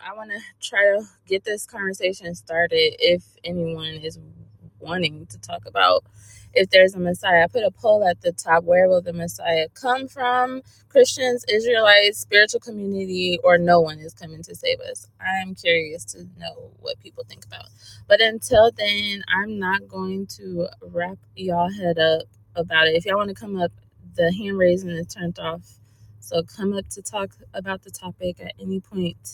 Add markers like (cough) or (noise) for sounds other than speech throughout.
I want to try to get this conversation started if anyone is wanting to talk about if there's a Messiah. I put a poll at the top where will the Messiah come from? Christians, Israelites, spiritual community, or no one is coming to save us. I'm curious to know what people think about. But until then, I'm not going to wrap y'all head up about it. If y'all want to come up, the hand raising is turned off. So come up to talk about the topic at any point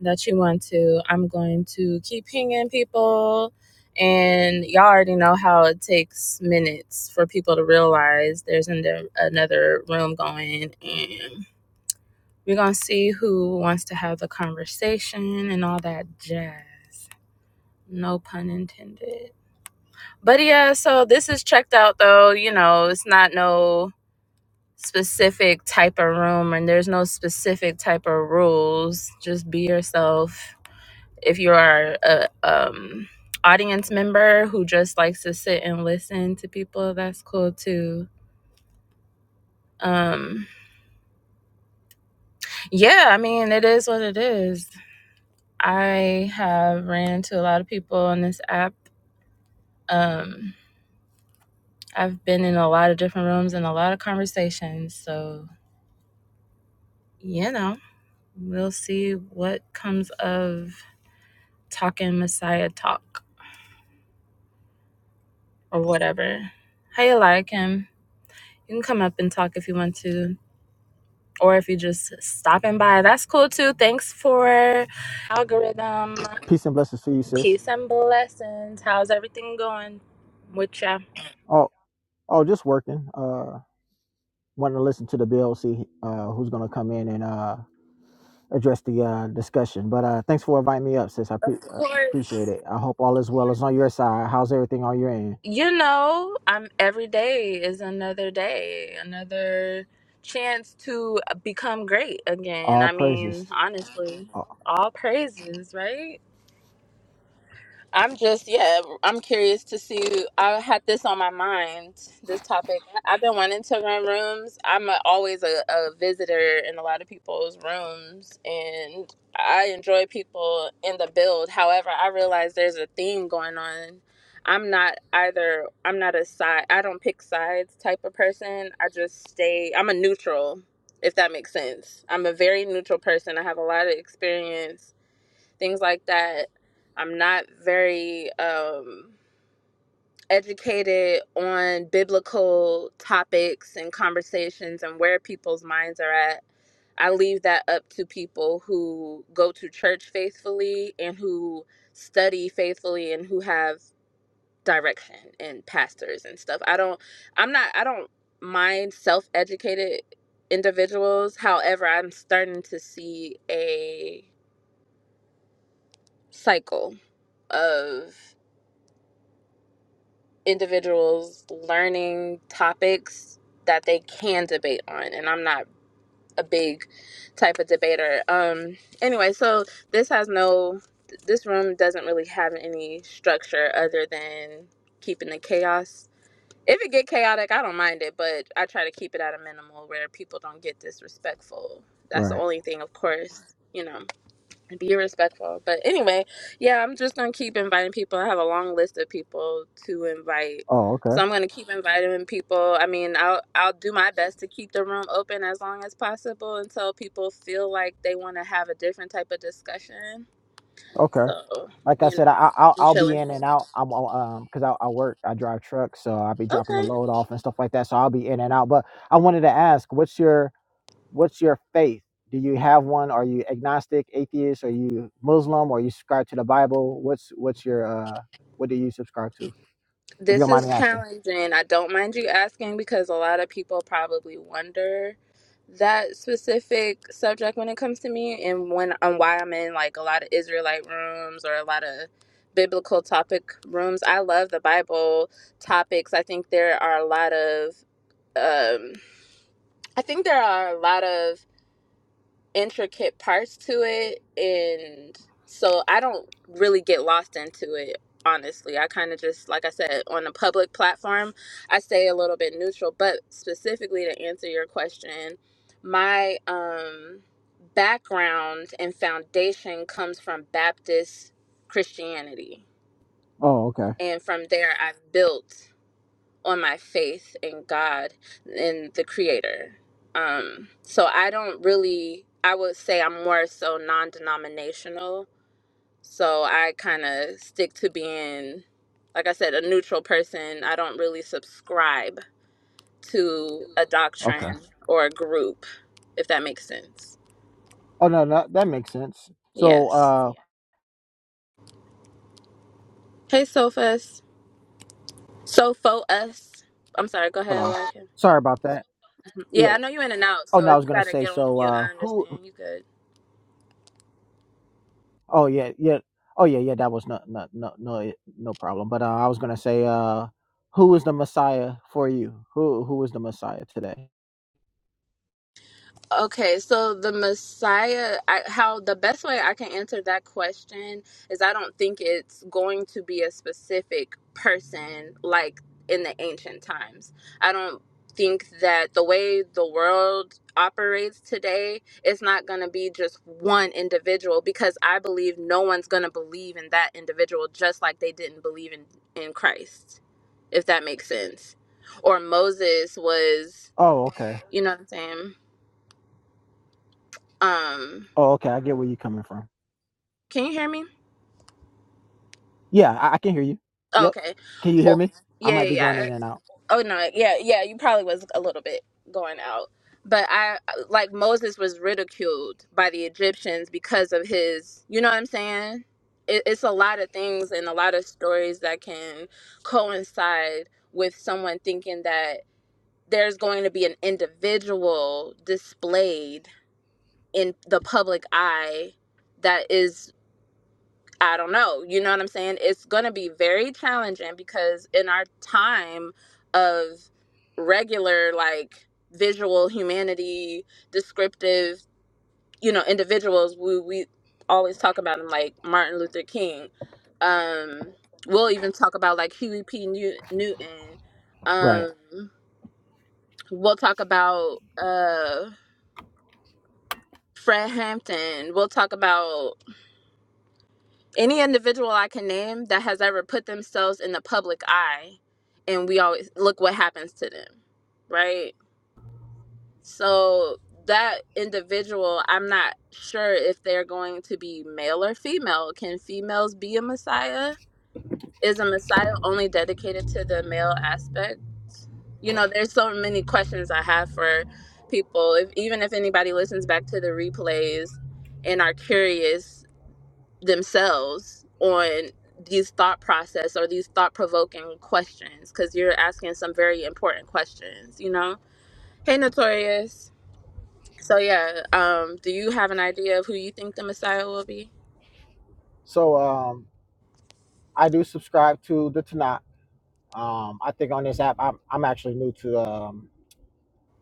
that you want to. I'm going to keep pinging people. And y'all already know how it takes minutes for people to realize there's an, another room going. And we're going to see who wants to have the conversation and all that jazz. No pun intended. But yeah, so this is checked out though. You know, it's not no specific type of room and there's no specific type of rules. Just be yourself if you are a um, audience member who just likes to sit and listen to people, that's cool too. Um, yeah, I mean, it is what it is. I have ran into a lot of people on this app. Um, I've been in a lot of different rooms and a lot of conversations. So, you know, we'll see what comes of talking Messiah talk or whatever. How you like him? you can come up and talk if you want to. or if you're just stopping by, that's cool too. Thanks for algorithm. Peace and blessings to you, sis. Peace and blessings. How's everything going with ya? Oh, oh, just working. Uh, wanted to listen to the bill, see uh, who's gonna come in and uh, address the uh, discussion. But uh, thanks for inviting me up, sis. I pre- Of uh, appreciate course. it. I hope all is well. It's on your side. How's everything on your end? You know, I'm every day is another day, another chance to become great again. All I praises. mean, honestly, Oh, all praises, right? I'm just yeah, I'm curious to see. I had this on my mind, this topic. I've been wanting to run rooms. I'm a, always a, a visitor in a lot of people's rooms, and I enjoy people in the build. However, I realize there's a theme going on. I'm not either. I'm not a side. I don't pick sides type of person. I just stay. I'm a neutral, if that makes sense. I'm a very neutral person. I have a lot of experience things like that. I'm not very um, educated on biblical topics and conversations and where people's minds are at. I leave that up to people who go to church faithfully and who study faithfully and who have direction and pastors and stuff. I don't I'm not I don't mind self-educated individuals. However, I'm starting to see a cycle of individuals learning topics that they can debate on and i'm not a big type of debater um anyway so this has no this room doesn't really have any structure other than keeping the chaos if it get chaotic i don't mind it but i try to keep it at a minimal where people don't get disrespectful that's the right. only thing of course you know be respectful. But anyway, yeah, I'm just gonna keep inviting people. I have a long list of people to invite, Oh, okay. so I'm gonna keep inviting people. I mean, I'll I'll do my best to keep the room open as long as possible until people feel like they want to have a different type of discussion. Okay. So Like I you know, said, I, I- I'll I'm I'll be chilling. in and out. I'm uh, um because I, I work, I drive trucks, so I'll be dropping the Okay. load off and stuff like that. So I'll be in and out. But I wanted to ask, what's your what's your faith? Do you have one? Are you agnostic, atheist? Are you Muslim? or you subscribe to the Bible? What's what's your uh, what do you subscribe to? If you This don't mind is me asking. challenging. I don't mind you asking because a lot of people probably wonder that specific subject when it comes to me and when and why I'm in like a lot of Israelite rooms or a lot of biblical topic rooms. I love the Bible topics. I think there are a lot of um I think there are a lot of intricate parts to it and so I don't really get lost into it honestly. I kind of just like I said on a public platform, I stay a little bit neutral, but specifically to answer your question, my um background and foundation comes from Baptist Christianity. Oh, okay, And from there I've built on my faith in God and the creator. Um, so I don't really, I would say I'm more so non denominational. So I kind of stick to being, like I said, a neutral person. I don't really subscribe to a okay. doctrine or a group, if that makes sense. Oh no, no, that makes sense. So, Yes. uh, Hey, Sofus. Sofo us. I'm sorry, go hold ahead, on. like him. Sorry about that. Yeah. Yeah, I know you in and out, Oh so no, I if was you gonna gotta say. get on So, mute, uh, I who? understand. You good. Oh yeah, yeah. Oh yeah, yeah. That was no, no, no, no, no problem. But uh, I was gonna say, uh, who is the Messiah for you? Who, who is the Messiah today? Okay, so the Messiah, I, how the best way I can answer that question is I don't think it's going to be a specific person like in the ancient times. I don't think that the way the world operates today it's not going to be just one individual because I believe no one's going to believe in that individual just like they didn't believe in in Christ, if that makes sense. Or Moses was, Oh, okay. you know what I'm saying? Um Oh, okay. I get where you're coming from. Can you hear me? Yeah, I, I can hear you. Oh, Yep. okay. Can you hear Oh, me? I yeah, yeah, might be going yeah. in and out. Oh no, yeah, yeah. You probably was a little bit going out, but I like Moses was ridiculed by the Egyptians because of his. You know what I'm saying? It, it's a lot of things and a lot of stories that can coincide with someone thinking that there's going to be an individual displayed in the public eye that is. I don't know. You know what I'm saying? It's going to be very challenging because in our time of regular, like visual humanity, descriptive, you know, individuals, we, we always talk about them like Martin Luther King. Um, we'll even talk about like Huey P. New- Newton. Right. Um, we'll talk about uh, Fred Hampton. We'll talk about any individual I can name that has ever put themselves in the public eye, and we always look what happens to them, right? So that individual, I'm not sure if they're going to be male or female. Can females be a messiah? Is a messiah only dedicated to the male aspect? You know, there's so many questions I have for people. If even if anybody listens back to the replays and are curious, themselves on these thought process or these thought provoking questions because you're asking some very important questions, you know? Hey, Notorious. So, yeah, um, do you have an idea of who you think the Messiah will be? So um, I do subscribe to the Tanakh. Um, I think on this app, I'm, I'm actually new to um,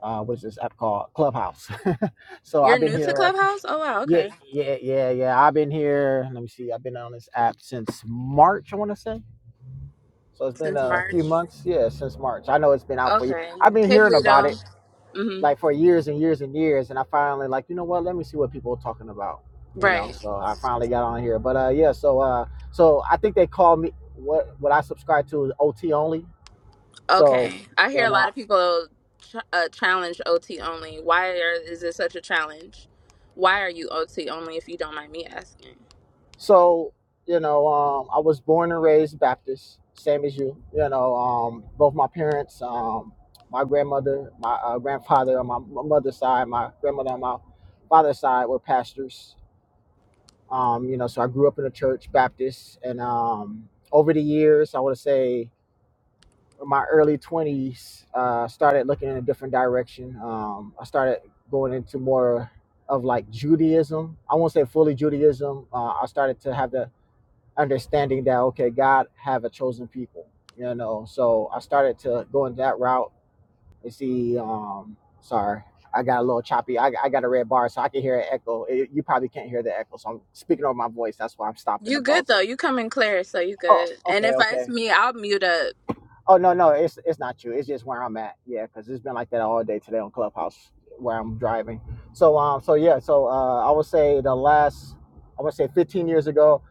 uh, what is this app called? Clubhouse. (laughs) so You're I've been new to here. a c- Clubhouse? Oh, wow, Yeah, okay. yeah, yeah, yeah. I've been here. Let me see. I've been on this app since March. I want to say. So it's been Since a few March. months. Yeah, since March. I know it's been out for you. Okay. I've been Hey, hearing about it Bleedo. hmm like for years and years and years and i finally like you know what let me see what people are talking about you know Right. so i finally got on here but uh yeah so uh so i think they call me what what i subscribe to is ot only so Okay. I you hear a know lot of people ch- uh, challenge OT only. Why are, is it such a challenge? Why are you OT only if you don't mind me asking? so you know um i was born and raised baptist same as you you know um both my parents um my grandmother my uh, grandfather on my, my mother's side my grandmother on my father's side were pastors Um, you know, so I grew up in a church, Baptist, and um, over the years, I want to say in my early 20s, uh, started looking in a different direction. Um, I started going into more of like Judaism. I won't say fully Judaism. Uh, I started to have the understanding that okay, God have a chosen people. You know, so I started to go in that route you see, um, sorry, I got a little choppy. I, I got a red bar, so I can hear an echo. It- you probably can't hear the echo, so I'm speaking over my voice. That's why I'm stopping You and good pausing. though. You coming clear, so you Oh, good. And okay, if it's okay. me, I'll mute up. Oh no, no, it's it's not you. It's just where I'm at. Yeah, because it's been like that all day today on Clubhouse where I'm driving. So um, so yeah, so uh, I would say the last, I would say 15 years ago,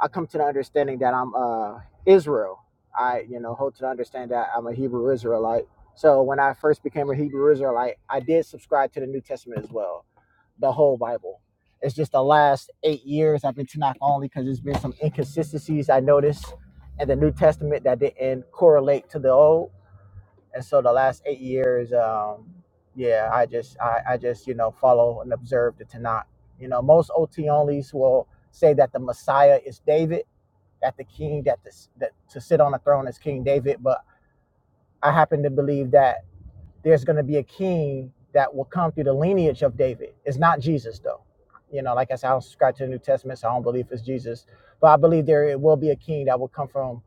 I come to the understanding that I'm uh Israel. I you know hold to the understand that I'm a Hebrew Israelite. So when I first became a Hebrew Israelite, I did subscribe to the New Testament as well the whole Bible. It's just the last eight years I've been Tanakh only because there's been some inconsistencies I noticed in the New Testament that didn't correlate to the Old. And so the last eight years, um, yeah, I just I, I just you know follow and observe the Tanakh. You know, most OT onlys will say that the Messiah is David, that the king that, the, that to sit on the throne is King David, but I happen to believe that there's going to be a king that will come through the lineage of David. It's not Jesus, though. You know, like I said, I don't subscribe to the New Testament, so I don't believe it's Jesus. But I believe there it will be a king that will come from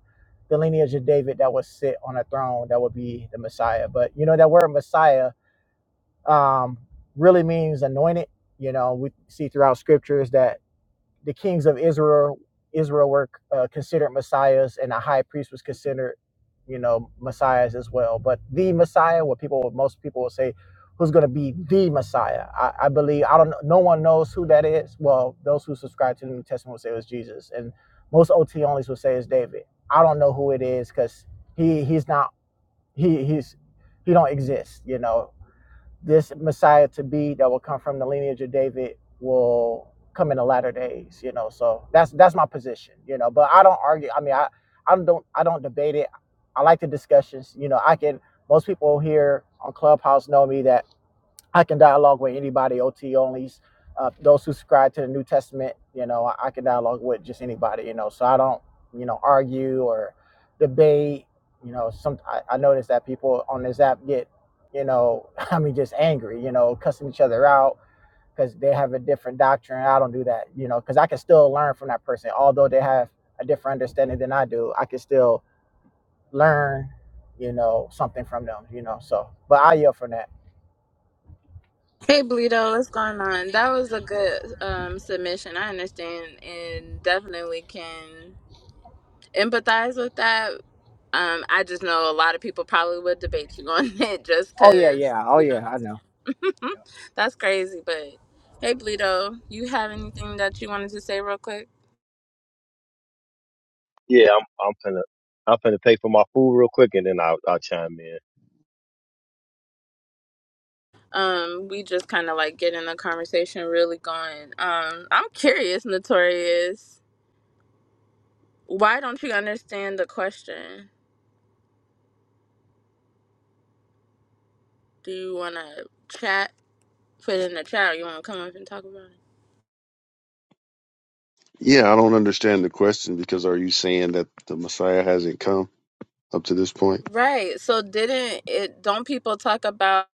the lineage of David that will sit on a throne that will be the Messiah. But you know, that word Messiah um, really means anointed. You know, we see throughout scriptures that the kings of Israel Israel were uh, considered messiahs, and the high priest was considered, you know, messiahs as well. But the messiah, what people, most people will say, who's going to be the messiah? I, I believe I don't. No one knows who that is. Well, those who subscribe to the New Testament will say it was Jesus, and most OT onlys will say it's David. I don't know who it is because he he's not he he's he don't exist. You know, this Messiah to be that will come from the lineage of David will come in the latter days, you know. So that's that's my position, you know. But I don't argue. I mean, I I don't I don't debate it. I like the discussions, you know. I can most people here on Clubhouse know me that I can dialogue with anybody, OT onlys, uh, those who subscribe to the New Testament. You know, I, I can dialogue with just anybody. You know, so I don't, you know, argue or debate. You know, some I, I notice that people on this app get, you know, (laughs) I mean, just angry. You know, cussing each other out because they have a different doctrine. I don't do that. You know, because I can still learn from that person, although they have a different understanding than I do. I can still learn, you know, something from them. You know, so but I yell from that. Hey Bleedo, what's going on? That was a good um submission. I understand and definitely can empathize with that. Um, I just know a lot of people probably would debate you on (laughs) it just Oh yeah, cause yeah. Oh you know yeah, what I know. I'm saying. (laughs) That's crazy, but hey Bleedo, you have anything that you wanted to say real quick? Yeah, I'm I'm gonna I'm gonna pay for my food real quick and then I'll I'll chime in. Um, we just kind of like getting the conversation really going. Um, I'm curious, Notorious. Why don't you understand the question? Do you want to chat? Put it in the chat. Or you want to come up and talk about it? Yeah, I don't understand the question because are you saying that the Messiah hasn't come up to this point? Right. So didn't it? Don't people talk about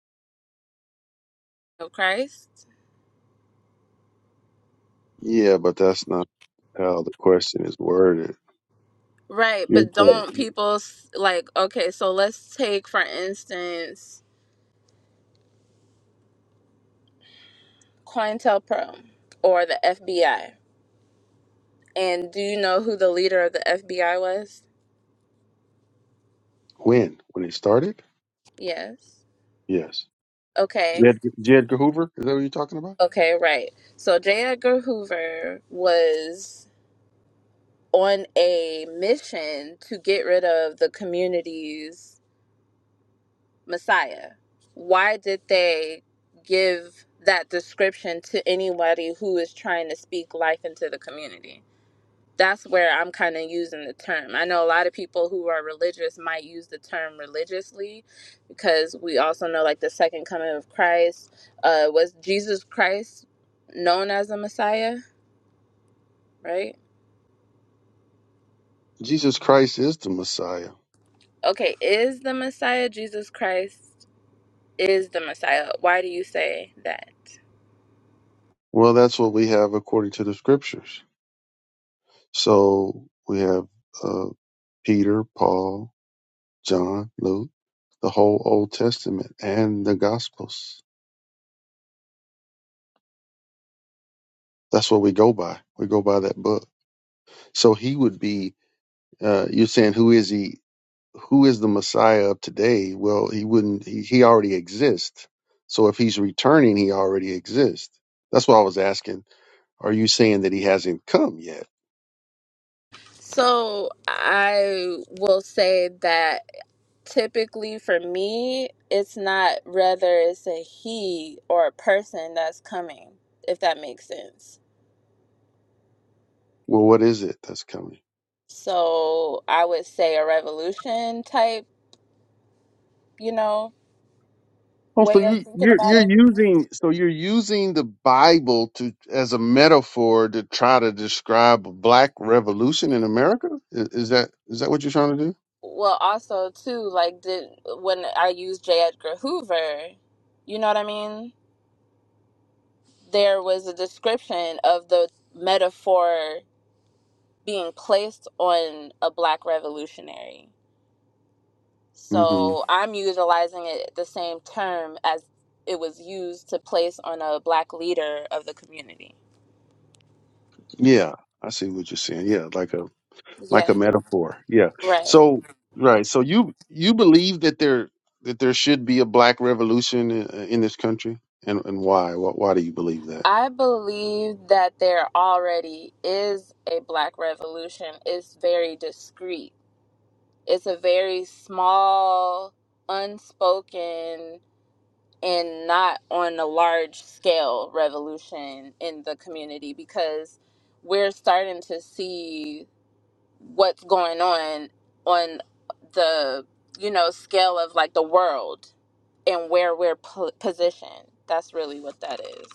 Christ? Yeah, but that's not how the question is worded. Right. You're But don't saying people s- like? Okay. So let's take for instance, COINTELPRO or the FBI. And do you know who the leader of the FBI was? when? When it started? Yes. Yes. Okay. Jed, Jed Hoover? Is that what you're talking about? Okay. Right. So J. Edgar Hoover was on a mission to get rid of the community's Messiah. Why did they give that description to anybody who is trying to speak life into the community? That's where I'm kind of using the term. I know a lot of people who are religious might use the term religiously because we also know, like, the second coming of Christ uh, was Jesus Christ known as the Messiah, right? Jesus Christ is the Messiah. Okay, is the Messiah Jesus Christ? is the Messiah. Why do you say that? Well, that's what we have according to the scriptures. So we have uh, Peter, Paul, John, Luke, the whole Old Testament, and the Gospels. That's what we go by. We go by that book. So he would be. Uh, you're saying who is he? Who is the Messiah of today? Well, he wouldn't. He, he already exists. So if he's returning, he already exists. That's why I was asking. Are you saying that he hasn't come yet? So I will say that typically for me, it's not rather it's a he or a person that's coming, if that makes sense. Well, what is it that's coming? So I would say a revolution type, you know, Oh, so way of you, thinking you're about you're it. using so you're using the Bible to as a metaphor to try to describe a black revolution in America. Is, is that is that what you're trying to do? Well, also too, like did when I used J. Edgar Hoover, you know what I mean? There was a description of the metaphor being placed on a black revolutionary. hmm So I'm utilizing it the same term as it was used to place on a black leader of the community. Yeah, I see what you're saying. Yeah, like a like Yeah, a metaphor. Yeah. right. So right. So you you believe that there that there should be a black revolution in, in this country, and and why? why? Why do you believe that? I believe that there already is a black revolution. It's very discreet. It's a very small, unspoken and not on a large scale revolution in the community because we're starting to see what's going on on the you know scale of like the world and where we're po- positioned that's really what that is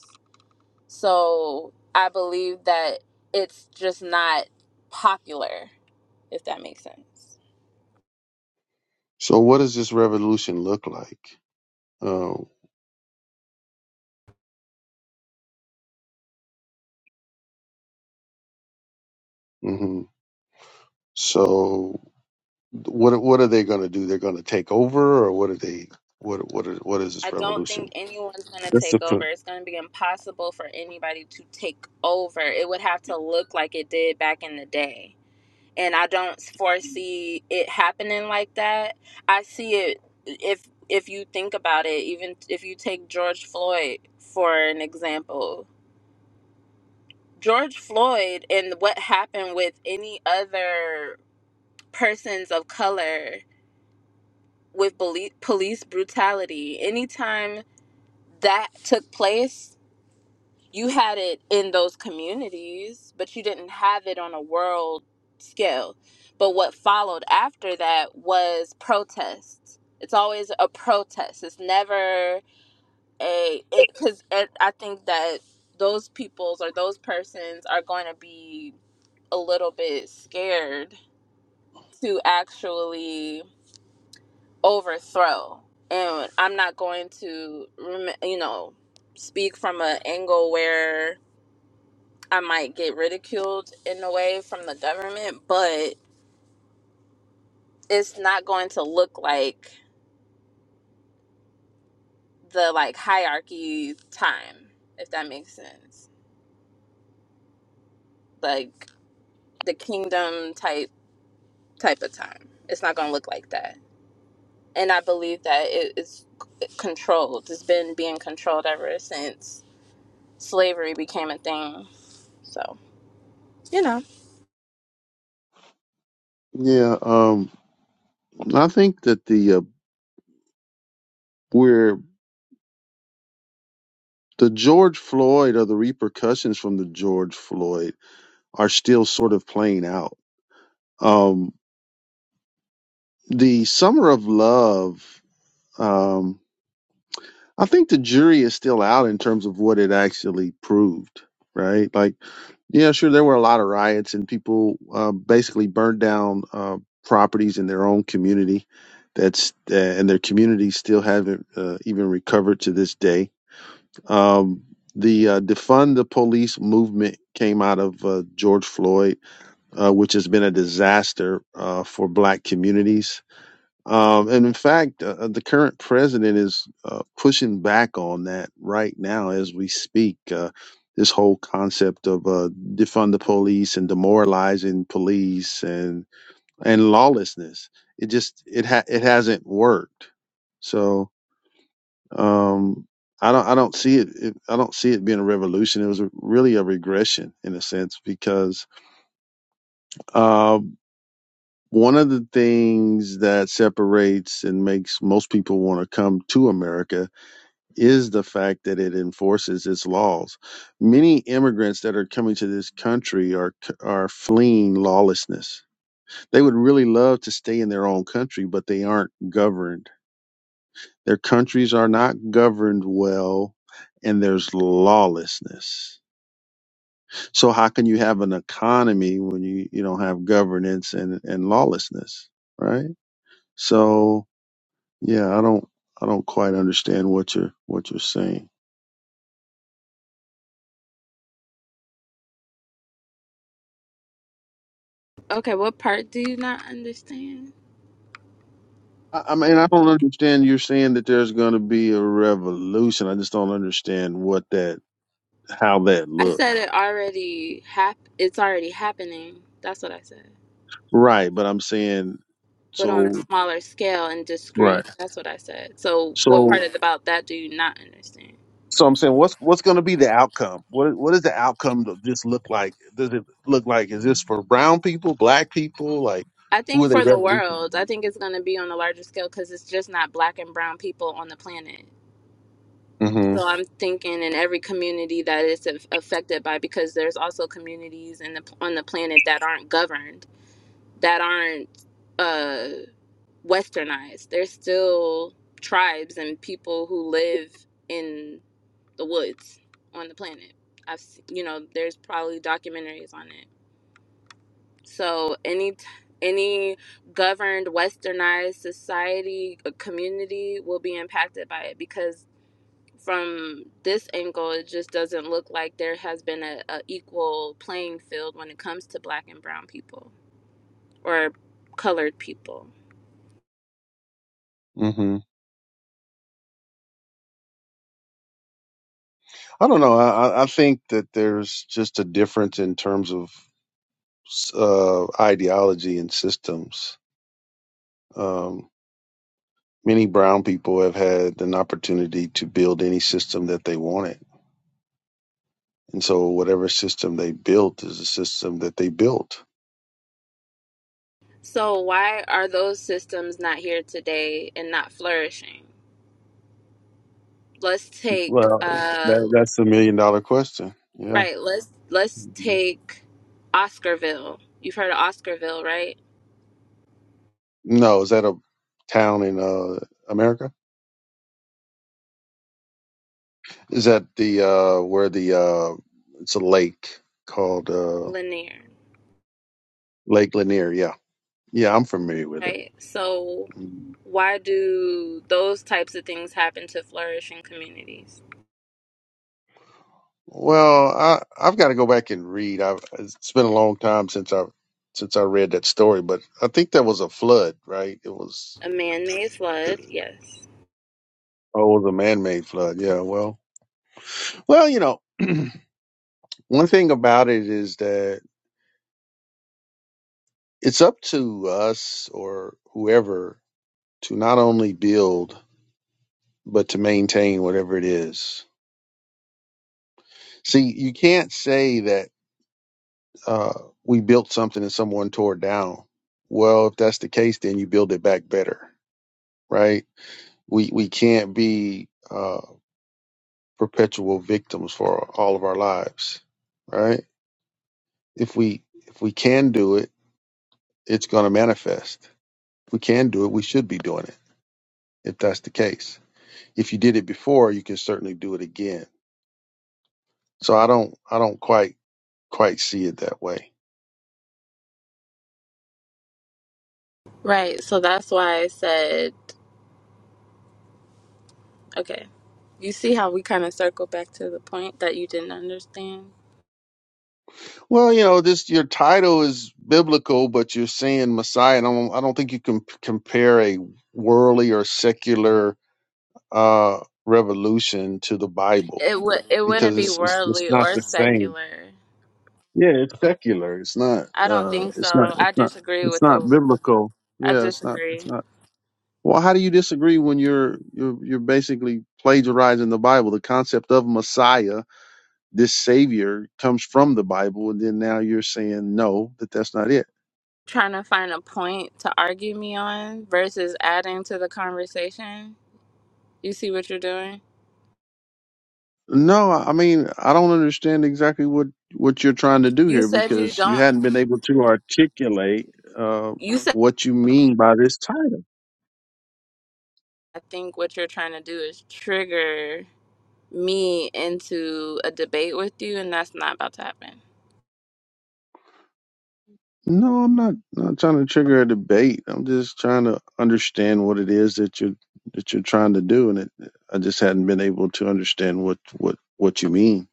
so i believe that it's just not popular if that makes sense So what does this revolution look like? Uh, hmm So what what are they going to do? They're going to take over, or what are they? What what are, what is I this don't think revolution? anyone's going to That's the take over. co- It's going to be impossible for anybody to take over. It would have to look like it did back in the day. And I don't foresee it happening like that. I see it if if you think about it, even if you take George Floyd for an example. George Floyd and what happened with any other persons of color with belief, police brutality, anytime that took place you had it in those communities, but you didn't have it on a world scale. But what followed after that was protests. It's always a protest. It's never a it because I think that those peoples or those persons are going to be a little bit scared to actually overthrow. And I'm not going to, rem- you know, speak from an angle where I might get ridiculed in a way from the government, but it's not going to look like the like hierarchy time, if that makes sense. Like the kingdom type type of time. It's not going to look like that. And I believe that it is controlled. It's been being controlled ever since slavery became a thing. So, you know. yeah. Um, I think that the uh, we the George Floyd or the repercussions from the George Floyd are still sort of playing out. Um, the Summer of Love, um, I think the jury is still out in terms of what it actually proved, right? Like, yeah, sure, there were a lot of riots and people uh, basically burned down uh, properties in their own community. That's uh, and their communities still haven't uh, even recovered to this day. Um, the uh, defund the police movement came out of uh, George Floyd uh, which has been a disaster uh, for black communities. Um, and in fact, uh, uh, the current president is uh, pushing back on that right now as we speak. Uh, this whole concept of uh, defund the police and demoralizing police and and lawlessness it just it ha- it hasn't worked. So um, I don't I don't see it, it I don't see it being a revolution. It was a, really a regression in a sense because uh, one of the things that separates and makes most people want to come to America is the fact that it enforces its laws. Many immigrants that are coming to this country are are fleeing lawlessness. They would really love to stay in their own country, but they aren't governed. Their countries are not governed well, and there's lawlessness. So how can you have an economy when you, you don't have governance and, and lawlessness, right? So Yeah, I don't I don't quite understand what you're what you're saying. Okay, what part do you not understand? I, I mean, I don't understand you're saying that there's going to be a revolution. I just don't understand what that how that I looks. said it already hap- it's already happening. That's what I said. Right, but I'm saying but on a so smaller scale and right. discreet. That's what I said. So, what part So of- about that do you not understand? so I'm saying what's what's going to be the outcome? What what does the outcome of this look like? Does it look like is this for brown people, black people, like I who think are they for the world, I revolutionizing? think it's going to be on a larger scale because it's just not black and brown people on the planet. Mhm. So, I'm thinking in every community that it's af- affected by, because there's also communities in the, on the planet that aren't governed, that aren't uh, westernized. There's still tribes and people who live. in. the woods on the planet. I've s- you know there's probably documentaries on it. So any t- any governed westernized society a community will be impacted by it because from this angle it just doesn't look like there has been a, a equal playing field when it comes to black and brown people or colored people. Mhm. I don't know. I I I think that there's just a difference in terms of uh, ideology and systems. Um, many brown people have had an opportunity to build any system that they wanted. And so, whatever system they built is a system that they built. So why are those systems not here today and not flourishing? Let's take Well, uh that, that's a million dollar question. Yeah. Right. Let's let's Mhm. take Oscarville. You've heard of Oscarville, right? No, is that a town in uh, America? Is that the uh, where the uh, it's a lake called uh, Lanier, Lake Lanier? Yeah. Yeah, I'm familiar with it. right? So Mm-hmm. why do those types of things happen to flourishing communities? Well, I I've got to go back and read. I've it's been a long time since I since I read that story, but I think that was a flood, right? It was A man-made the flood, yes. oh, it was a man-made flood. Yeah, well, well, you know, one thing about it is that it's up to us or whoever to not only build but to maintain whatever it is. See, you can't say that uh, we built something and someone tore it down. Well, if that's the case, then you build it back better, right? We we can't be uh, perpetual victims for all of our lives, right? If we if we can do it, it's going to manifest. If we can do it, we should be doing it. If that's the case, if you did it before, you can certainly do it again. So I don't I don't quite quite see it that way. Right. So that's why I said, okay. You see how we kind of circle back to the point that you didn't understand? Well, you know, this your title is biblical, but you're saying Messiah. And I don't I don't think you can p- compare a worldly or secular uh, revolution to the Bible. It would it wouldn't because be it's it's, it's worldly not or the same. secular. Yeah, it's secular. It's not. I don't Uh, think it's not. so. I It's not. disagree It's with the not biblical. I Yeah, it's not. disagree. It's not. Well, how do you disagree when you're you're you're basically plagiarizing the Bible? The concept of Messiah, this Savior, comes from the Bible, and then now you're saying no, that that's not it. trying to find a point to argue me on versus adding to the conversation. You see what you're doing? No, I mean I don't understand exactly what what you're trying to do You here said you because you don't. hadn't been able to articulate uh, You said what you mean by this title. I think what you're trying to do is trigger me into a debate with you, and that's not about to happen. No, I'm not not trying to trigger a debate. I'm just trying to understand what it is that you're that you're trying to do, and it, I just hadn't been able to understand what what what you mean.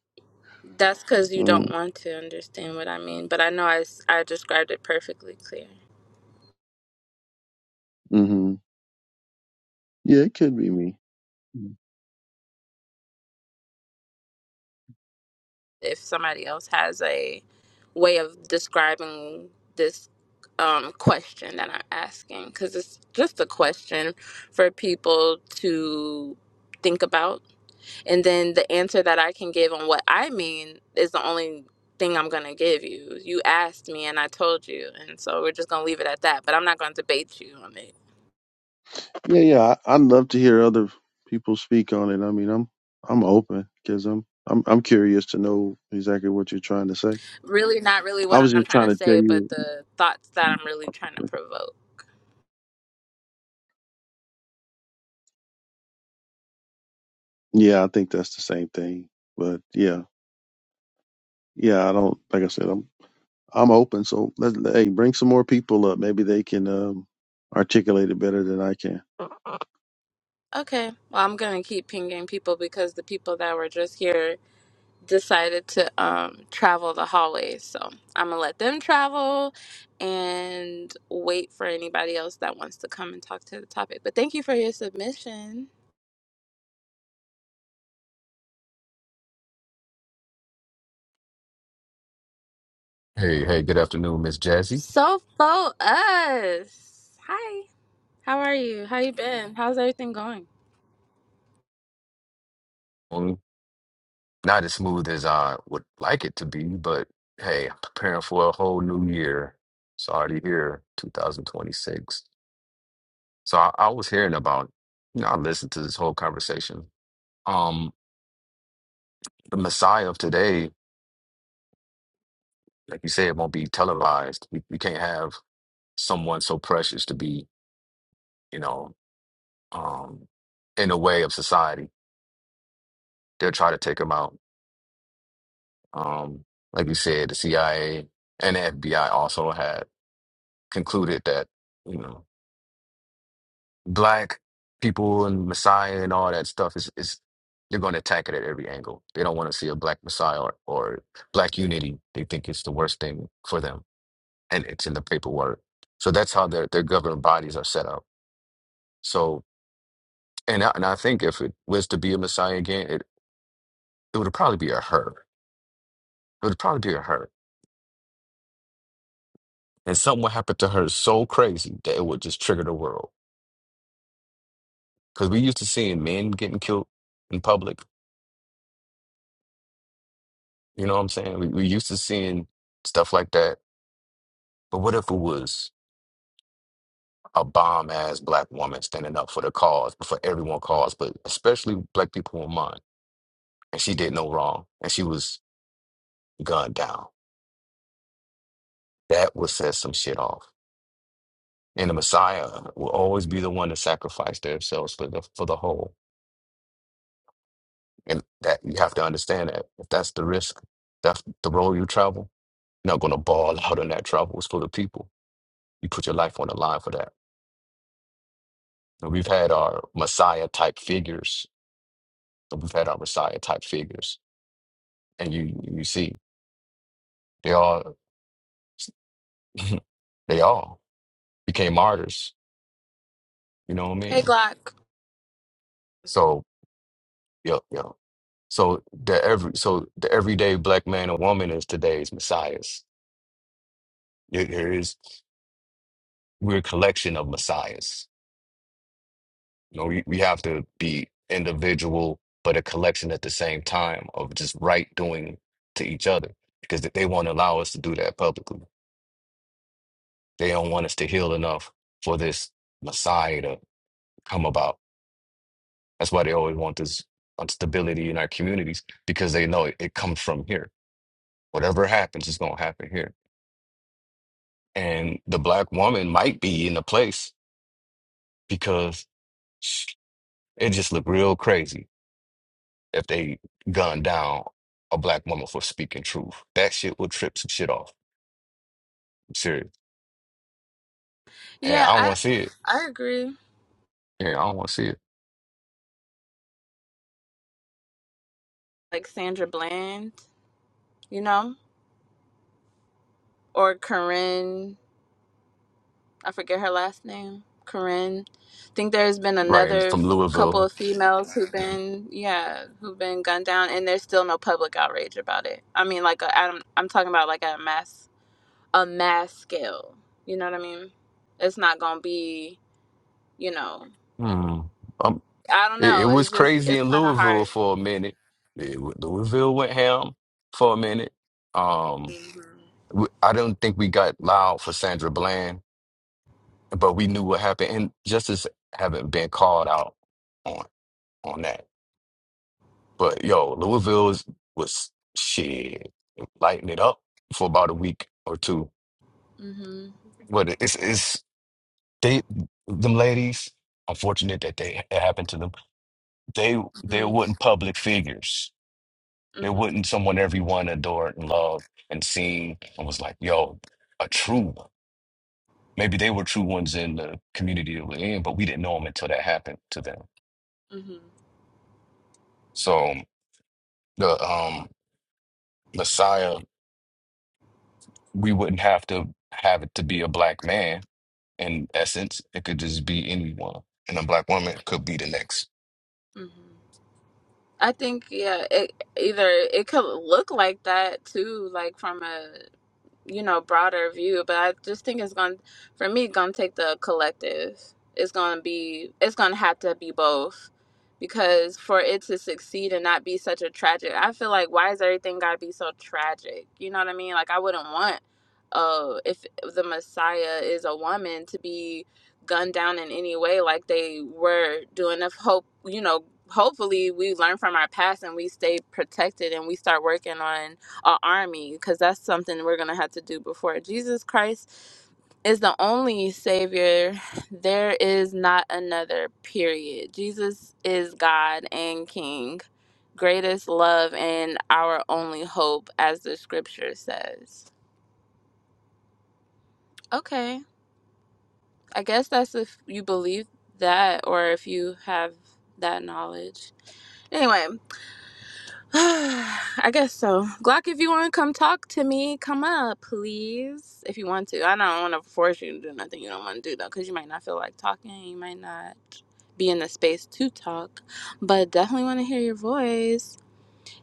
That's because you don't Um, want to understand what I mean. But I know I, s- I described it perfectly clear. hmm Yeah, it could be me. if somebody else has a way of describing this um, question that I'm asking, because it's just a question for people to think about. And then the answer that I can give on what I mean is the only thing I'm going to give you. You asked me and I told you. And so we're just going to leave it at that. But I'm not going to debate you on it. Yeah, yeah. I, I'd love to hear other people speak on it. I mean, I'm I'm open because I'm I'm I'm curious to know exactly what you're trying to say. Really, not really I what was I'm just trying trying to to tell say, but you. the thoughts that I'm really trying to provoke. Yeah, I think that's the same thing. But yeah, yeah. I don't like I said. I'm I'm open. So let hey, bring some more people up. Maybe they can um, articulate it better than I can. Okay. Well, I'm going to keep pinging people because the people that were just here decided to um, travel the hallways. So I'm going to let them travel and wait for anybody else that wants to come and talk to the topic. But thank you for your submission. Hey, hey, good afternoon, Miss Jazzy. So for us. Hi. How are you? How you been? How's everything going? Mm, Not as smooth as I would like it to be, but hey, I'm preparing for a whole new year. It's already here, 2026. So I, I was hearing about, you know, I listened to this whole conversation. Um, the Messiah of today, like you said, won't be televised. We, we can't have someone so precious to be, you know, um, in the way of society. They'll try to take him out. Um, like you said, the CIA and the FBI also had concluded that you know black people and Messiah and all that stuff is is they're going to attack it at every angle. They don't want to see a black Messiah or, or black unity. They think it's the worst thing for them, and it's in the paperwork. So that's how their their governing bodies are set up. So and I, and I think if it was to be a Messiah again, it it would probably be a her. It would probably be a her, and something would happen to her so crazy that it would just trigger the world. Because we used to seeing men getting killed in public You know what I'm saying? We, we used to seeing stuff like that. But what if it was a bomb ass black woman standing up for the cause, for everyone cause, but especially black people in mind, and she did no wrong, and she was gunned down. That would set some shit off. And the Messiah will always be the one to sacrifice themselves for the for the whole. And that you have to understand that if that's the risk, that's the road you travel. You're not gonna ball (laughs) out in that travel. It's for the people. You put your life on the line for that. So we've had our Messiah type figures. So we've had our Messiah type figures, and you you see they all (laughs) they all became martyrs. You know what I Hey, mean? Glock. So yeah, yeah. So the every so the everyday black man or woman is today's messiahs. There there is we're a collection of messiahs. You know, we, we have to be individual, but a collection at the same time of just right doing to each other because they won't allow us to do that publicly They don't want us to heal enough for this Messiah to come about. That's why they always want this instability in our communities because they know it, it comes from here. Whatever happens is going to happen here. And the black woman might be in the place because sh- it just looked real crazy if they gunned down a black woman for speaking truth. That shit will trip some shit off. I'm serious. And I Yeah, don't I want to see it. I agree. Yeah, I don't want to see it. Like Sandra Bland, you know, or Corinne I forget her last name. Corinne. I think there's been Right. And another from f- couple Louisville. of females who've been, yeah, who've been gunned down, and there's still no public outrage about it. I mean, like, a, I'm, I'm talking about like at a mass, a mass scale. You know what I mean? It's not gonna be, you know, Hmm. I don't It, it know. was It's just, crazy it's in kind of hard. Louisville for a minute. It w- Louisville went ham for a minute. Um, hmm w I don't think we got loud for Sandra Bland, but we knew what happened, and justice haven't been called out on on that. But yo, Louisville was, was shit lighting it up for about a week or two. hmm But it- it's it's they them ladies. Unfortunate that they it happened to them. They they hmm weren't public figures hmm It wasn't someone everyone adored and loved and seen and was like, yo, a true one. Maybe they were true ones in the community that we're in, but we didn't know them until that happened to them. hmm So the um Messiah, we wouldn't have to have it to be a black man in essence. It could just be anyone. And a black woman could be the next. hmm I think, yeah, it either it could look like that too, like from a you know, broader view, but I just think it's going to for me going to take the collective. It's going to be it's going to have to be both because for it to succeed and not be such a tragic. I feel like why is everything got to be so tragic? You know what I mean? Like I wouldn't want uh if the Messiah is a woman to be gunned down in any way like they were doing if hope, you know, hopefully we learn from our past and we stay protected and we start working on a army because that's something we're going to have to do before Jesus Christ is the only savior. There is not another period. Jesus is God and King, greatest love and our only hope, as the scripture says. Okay, I guess that's if you believe that or if you have that knowledge. Anyway, (sighs) I guess so. Glock, if you want to come talk to me, come up, please. If you want to. I don't want to force you to do nothing you don't want to do, though, because you might not feel like talking. You might not be in the space to talk, but definitely want to hear your voice.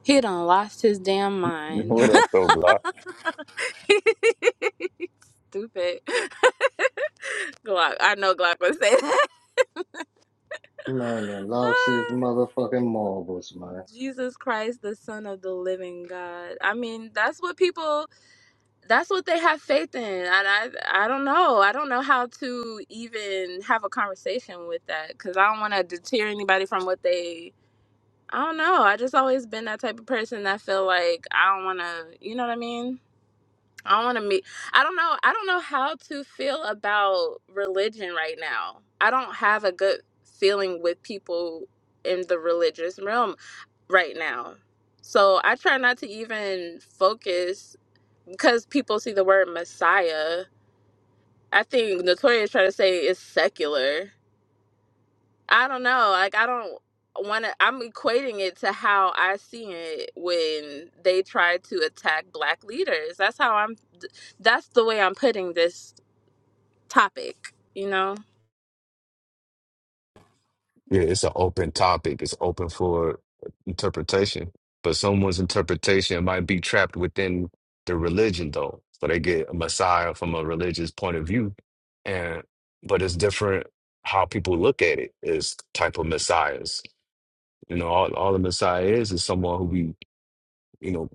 He done lost his damn mind. What up, though, Glock? (laughs) Stupid. (laughs) Glock. I know Glock would say that. Man, they lost his (sighs) (laughs) motherfucking marbles, man. Jesus Christ, the Son of the Living God. I mean, that's what people. that's what they have faith in and i i don't know i don't know how to even have a conversation with that because i don't want to deter anybody from what they i don't know i just always been that type of person that feel like i don't want to you know what i mean i don't want to meet i don't know i don't know how to feel about religion right now i don't have a good feeling with people in the religious realm right now so i try not to even focus because people see the word Messiah, I think Notorious is trying to say it's secular. I don't know. Like I don't want to. I'm equating it to how I see it when they try to attack black leaders. That's how I'm. That's the way I'm putting this topic. You know. Yeah, it's an open topic. It's open for interpretation, but someone's interpretation might be trapped within the religion, though. So they get a Messiah from a religious point of view, and but it's different how people look at it is type of messiahs. You know, all all the messiah is is someone who be you know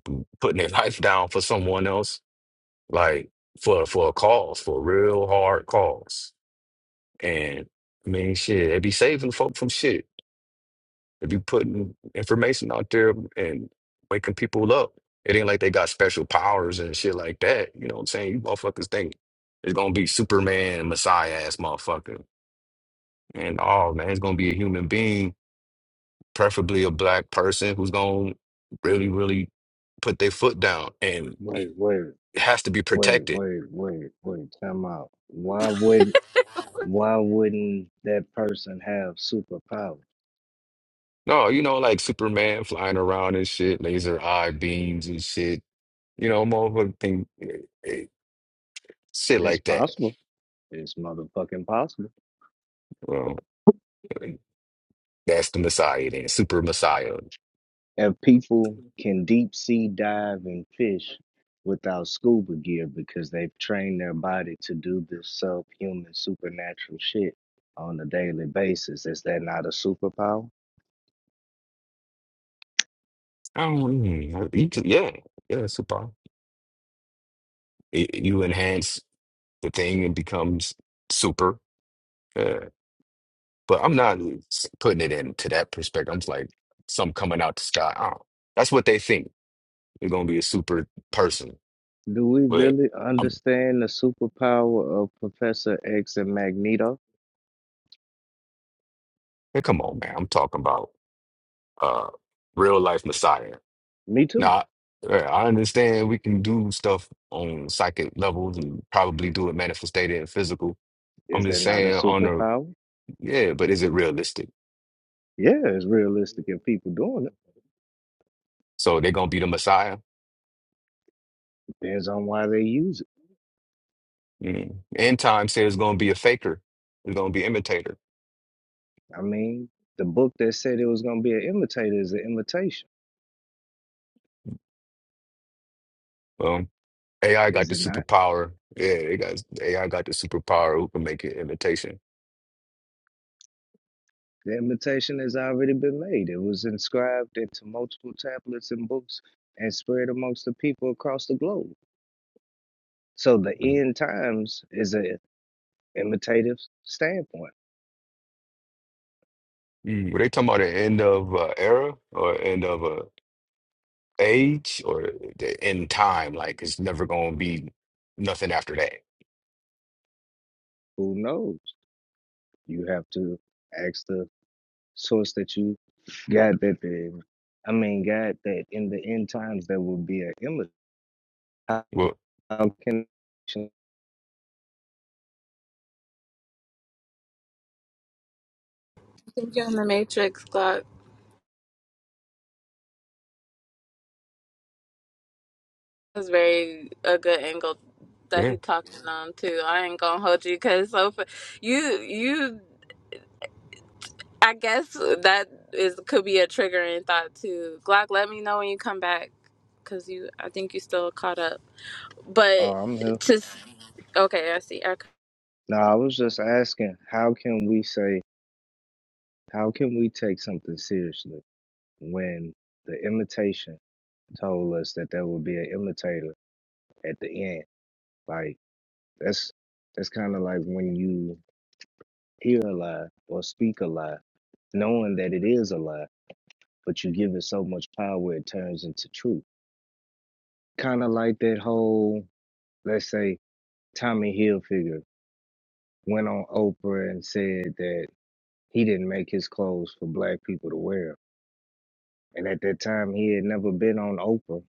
putting their (laughs) life down for someone else, like for for a cause, for a real hard cause. And I mean, shit, they be saving folk from shit. If you putting information out there and waking people up, it ain't like they got special powers and shit like that. You know what I'm saying? You motherfuckers think it's gonna be Superman, Messiah ass motherfucker. And oh man, it's gonna be a human being, preferably a black person who's gonna really, really put their foot down and Wait, wait, has to be wait, protected. wait, wait, wait. Time out. Why wouldn't why wouldn't that person have superpowers? No, you know, like Superman flying around and shit, laser eye beams and shit. You know, motherfucker think eh, eh, shit It's like that. possible. It's motherfucking possible. Well, That's the Messiah then, super Messiah. If people can deep sea dive and fish without scuba gear because they've trained their body to do this subhuman supernatural shit on a daily basis, is that not a superpower? I don't, mm, you t- yeah, yeah, super. Y- you enhance the thing and becomes super. Yeah. But I'm not s- putting it into that perspective. I'm just like some coming out the sky. I don't- that's what they think. They're gonna be a super person. Do we But really I'm understand the superpower of Professor X and Magneto? hey, come on, man. I'm talking about uh real life Messiah. Me Now, too. I yeah, I understand we can do stuff on psychic levels and probably do it manifested in physical. Is I'm that just not a saying on a superpower? yeah, but is it realistic? Yeah, it's realistic if people doing it. So they're gonna be the Messiah. Depends on why they use it. Mm. End time says it's gonna be a faker. It's gonna be imitator. I mean, the book that said it was going to be an imitator is an imitation, Um, AI got is the it not? superpower. Yeah, they got AI got the superpower who can make an imitation. The imitation has already been made. It was inscribed into multiple tablets and books and spread amongst the people across the globe. So the Mm. end times is an imitative standpoint. Mm. Were they talking about the end of uh, era or end of uh, age or the end time? Like it's never gonna be nothing after that. Who knows? You have to ask the source that you got that the, I mean, God that in the end times there will be an image. How Well, can, I think you're in the Matrix, Glock. That's very a good angle that yeah. he talking on too. I ain't gonna hold you because so fa- you you I guess that is could be a triggering thought too. Glock, let me know when you come back, cause you I think you still caught up. oh, But I'm here. to okay, I see. I, No, I was just asking, how can we say, how can we take something seriously when the imitation told us that there will be an imitator at the end? Like, that's, that's kind of like when you hear a lie or speak a lie, knowing that it is a lie. but you give it so much power it turns into truth. Kind of like that whole, let's say, Tommy Hilfiger went on Oprah and said that he didn't make his clothes for black people to wear. And at that time, he had never been on Oprah,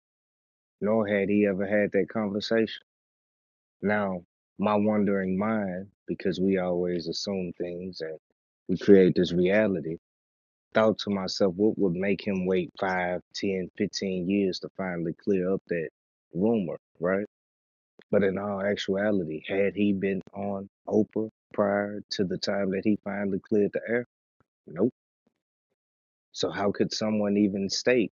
nor had he ever had that conversation. Now, my wondering mind, because we always assume things and we create this reality, thought to myself, what would make him wait five, ten, fifteen years to finally clear up that rumor, right? But in all actuality, had he been on Oprah prior to the time that he finally cleared the air? Nope. So how could someone even state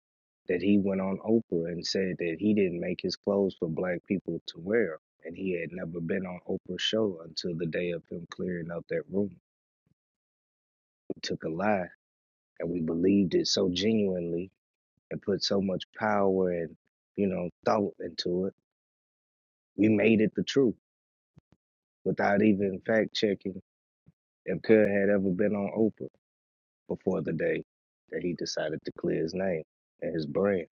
that he went on Oprah and said that he didn't make his clothes for black people to wear and he had never been on Oprah's show until the day of him clearing out that room? We took a lie and we believed it so genuinely and put so much power and, you know, thought into it. We made it the truth without even fact checking if Kerr had ever been on Oprah. before the day that he decided to clear his name and his brand.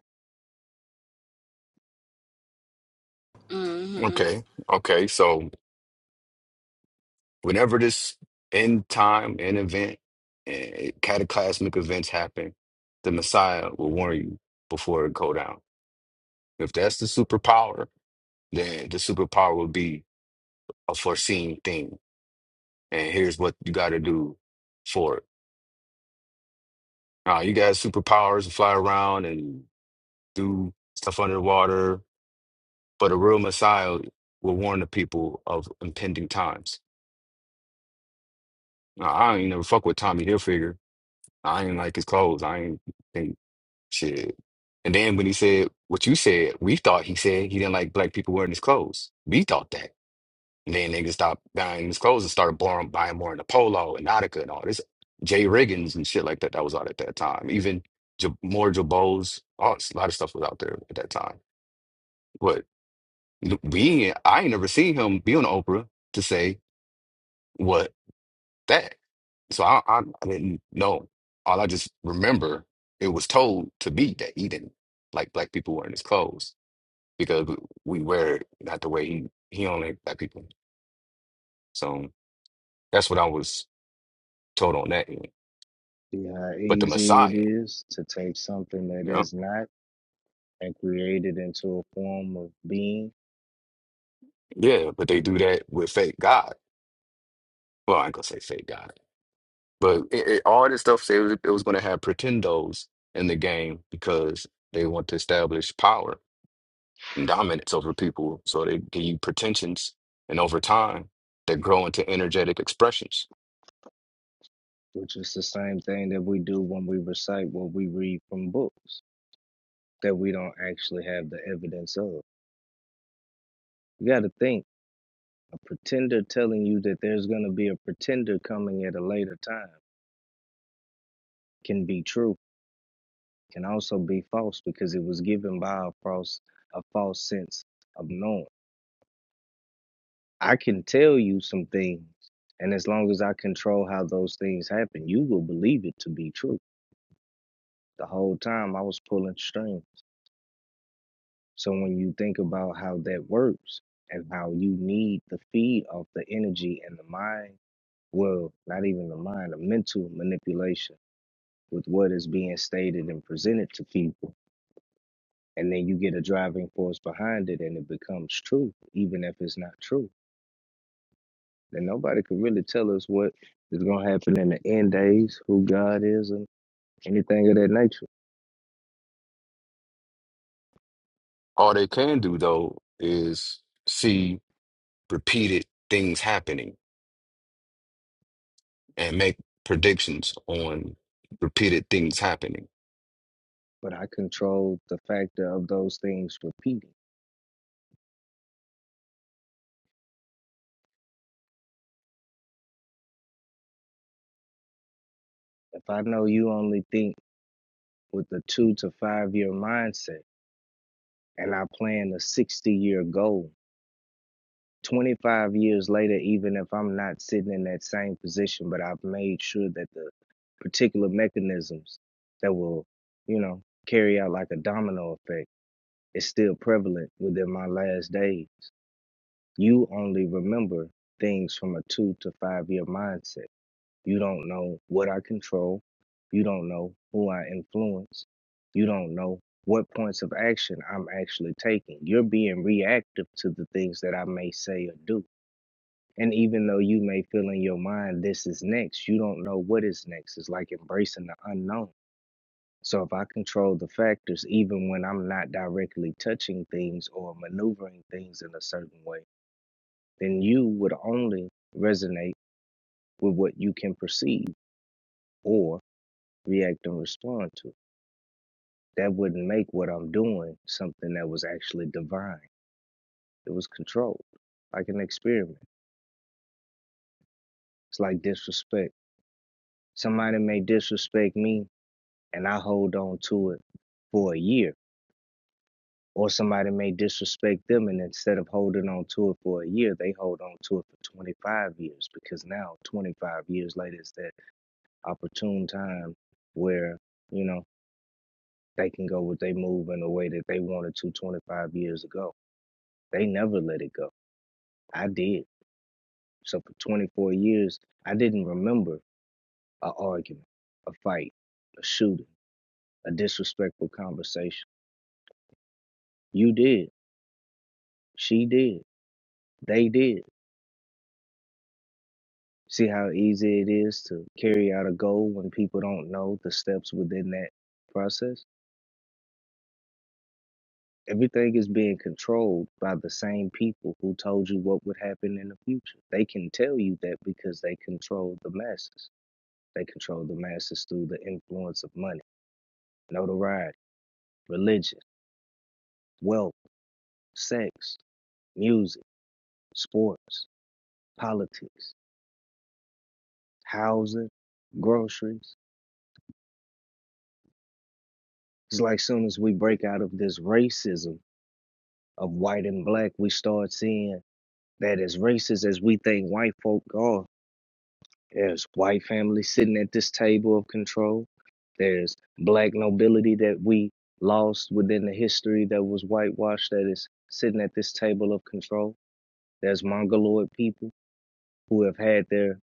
mm-hmm. Okay. Okay. So Whenever this end time, end event, eh, cataclysmic events happen, the Messiah will warn you before it go down. If that's the superpower, then the superpower will be a foreseen thing. And here's what you got to do for it. Now, you got superpowers to fly around and do stuff underwater, but a real Messiah will warn the people of impending times. Now, I ain't never fuck with Tommy Hilfiger. I ain't like his clothes. I ain't. think. Shit. And then when he said what you said, we thought he said he didn't like black people wearing his clothes. We thought that. And then niggas stopped buying his clothes and started buying, buying more in the polo and Nautica and all this. Jay Riggins and shit like that. That was out at that time. Even J more Jabos. All, a lot of stuff was out there at that time. But we, ain't- I ain't never seen him be on Oprah to say what that. So I, I, I didn't know. All I just remember it was told to me that he didn't like black people wearing his clothes. because we wear it not the way he he only black people. So that's what I was told on that end. See how But the easy it Messiah, is to take something that you know, is not and create it into a form of being, yeah, but they do that with fake God. Well, I ain't gonna say fake God, but it, it, all this stuff said it was, it was gonna have pretendos in the game because they want to establish power and dominance over people. So they give you pretensions, and over time, they grow into energetic expressions. which is the same thing that we do when we recite what we read from books that we don't actually have the evidence of. You got to think a pretender telling you that there's going to be a pretender coming at a later time can be true, can also be false because it was given by a false, a false sense of knowing. I can tell you some things, and as long as I control how those things happen, you will believe it to be true. The whole time I was pulling strings. So when you think about how that works and how you need the feed of the energy and the mind, well, not even the mind, the mental manipulation with what is being stated and presented to people. And then you get a driving force behind it and it becomes true, even if it's not true. And nobody can really tell us what is going to happen in the end days, who God is, and anything of that nature. All they can do though is see repeated things happening and make predictions on repeated things happening. But I control the factor of those things repeating. If I know you only think with a two to five year mindset and I plan a 60 year goal, 25 years later, even if I'm not sitting in that same position, but I've made sure that the particular mechanisms that will, you know, carry out like a domino effect is still prevalent within my last days You only remember things from a two to five year mindset. You don't know what I control. You don't know who I influence. You don't know what points of action I'm actually taking. You're being reactive to the things that I may say or do. And even though you may feel in your mind this is next, you don't know what is next. It's like embracing the unknown. So if I control the factors, even when I'm not directly touching things or maneuvering things in a certain way, then you would only resonate with what you can perceive or react and respond to. That wouldn't make what I'm doing something that was actually divine. It was controlled, like an experiment. It's like disrespect. Somebody may disrespect me and I hold on to it for a year. Or somebody may disrespect them and instead of holding on to it for a year, they hold on to it for 25 years because now, 25 years later, is that opportune time where, you know, they can go with their move in a way that they wanted to 25 years ago. They never let it go. I did. So for 24 years, I didn't remember a argument, a fight, a shooting, a disrespectful conversation. You did. She did. They did. See how easy it is to carry out a goal when people don't know the steps within that process? Everything is being controlled by the same people who told you what would happen in the future. They can tell you that because they control the masses. They control the masses through the influence of money, notoriety, religion, wealth, sex, music, sports, politics, housing, groceries. It's like soon as we break out of this racism of white and black, we start seeing that as racist as we think white folk are, There's white families sitting at this table of control. There's black nobility that we lost within the history that was whitewashed that is sitting at this table of control. There's Mongoloid people who have had their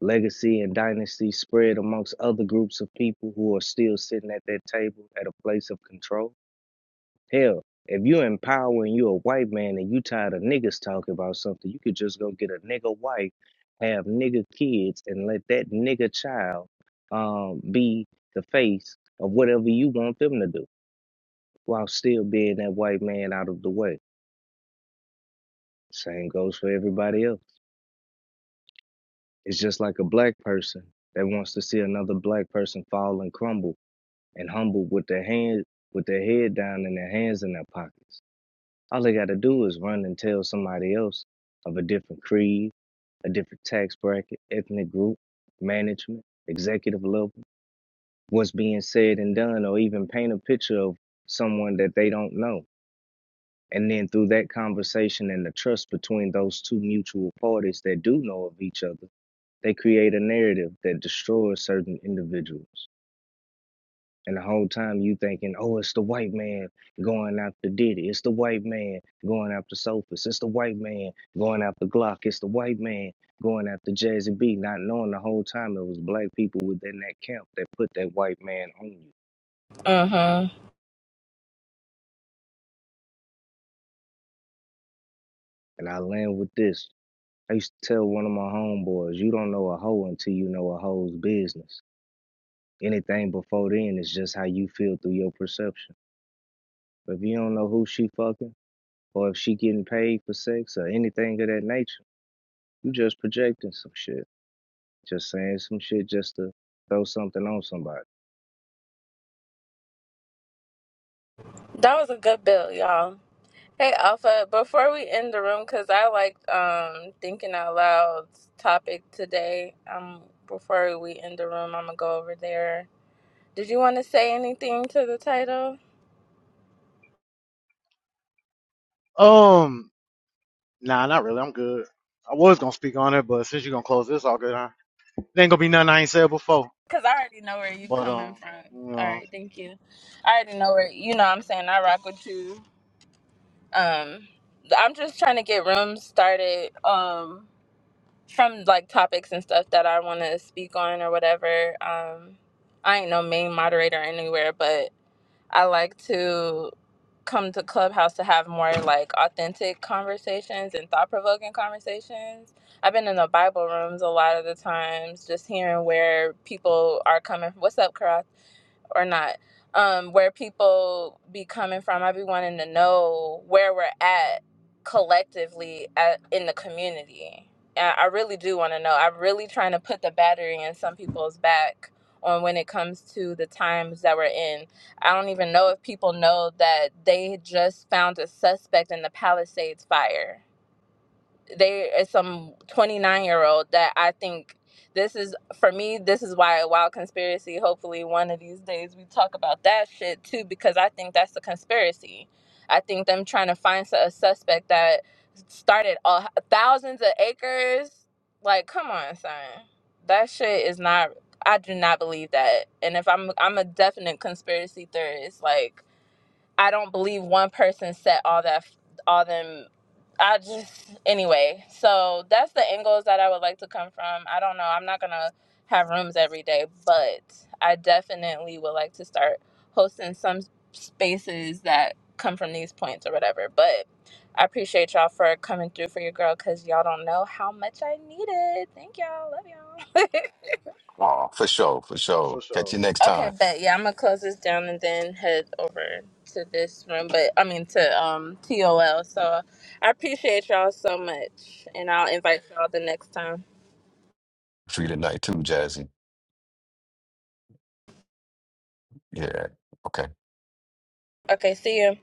legacy and dynasty spread amongst other groups of people who are still sitting at that table at a place of control Hell, if you in power and you a white man and you tired of niggas talking about something, you could just go get a nigga wife, have nigga kids, and let that nigga child um, be the face of whatever you want them to do while still being that white man out of the way. Same goes for everybody else. It's just like a black person that wants to see another black person fall and crumble and humble with their hand with their head down and their hands in their pockets. All they got to do is run and tell somebody else of a different creed, a different tax bracket, ethnic group, management, executive level, what's being said and done, or even paint a picture of someone that they don't know. And then through that conversation and the trust between those two mutual parties that do know of each other, they create a narrative that destroys certain individuals. And the whole time you thinking, oh, it's the white man going after Diddy. It's the white man going after Sophus. It's the white man going after Glock. It's the white man going after Jazzy B. Not knowing the whole time it was black people within that camp that put that white man on you. mm hmm And I land with this. I used to tell one of my homeboys, you don't know a hoe until you know a hoe's business. Anything before then is just how you feel through your perception. If you don't know who she fucking, or if she getting paid for sex or anything of that nature You just projecting some shit. Just saying some shit just to throw something on somebody. That was a good bill, y'all. Hey Alpha, before we end the room, cause I liked um thinking out loud's topic today. Um, before we end the room, I'm gonna go over there. Did you want to say anything to the title? Um, nah, not really. I'm good. I was gonna speak on it, but since you're gonna close this, all good. Huh? There ain't gonna be nothing I ain't said before. Cause I already know where you But coming um, from. you All know, right, thank you. I already know where you know what I'm saying I rock with you. Um I'm just trying to get rooms started um from like topics and stuff that I want to speak on or whatever. Um I ain't no main moderator anywhere, but I like to come to Clubhouse to have more like authentic conversations and thought provoking conversations. I've been in the Bible rooms a lot of the times, just hearing where people are coming. What's up, Karat? or not um where people be coming from i be wanting to know where we're at collectively at, in the community i I really do want to know i'm really trying to put the battery in some people's back on when it comes to the times that we're in I don't even know if people know that they just found a suspect in the Palisades fire there is some 29 year old that I think this is for me this is why a wild conspiracy hopefully one of these days we talk about that shit too because I think that's the conspiracy. I think them trying to find a suspect that started all, thousands of acres like come on son. That shit is not I do not believe that. And if I'm I'm a definite conspiracy theorist like I don't believe one person set all that all them I just anyway. So that's the angles that I would like to come from. I don't know. I'm not gonna have rooms every day, but I definitely would like to start hosting some spaces that come from these points or whatever. But I appreciate y'all for coming through for your girl because y'all don't know how much I need it. Thank y'all. Love y'all. (laughs) Oh, for sure, for for sure. Catch sure. you next Okay, time. but yeah, I'm gonna close this down and then head over to this room. But I mean to um TOL. So I appreciate y'all so much, and I'll invite y'all the next time. Free tonight too, Jazzy. Yeah. Okay. Okay, see you.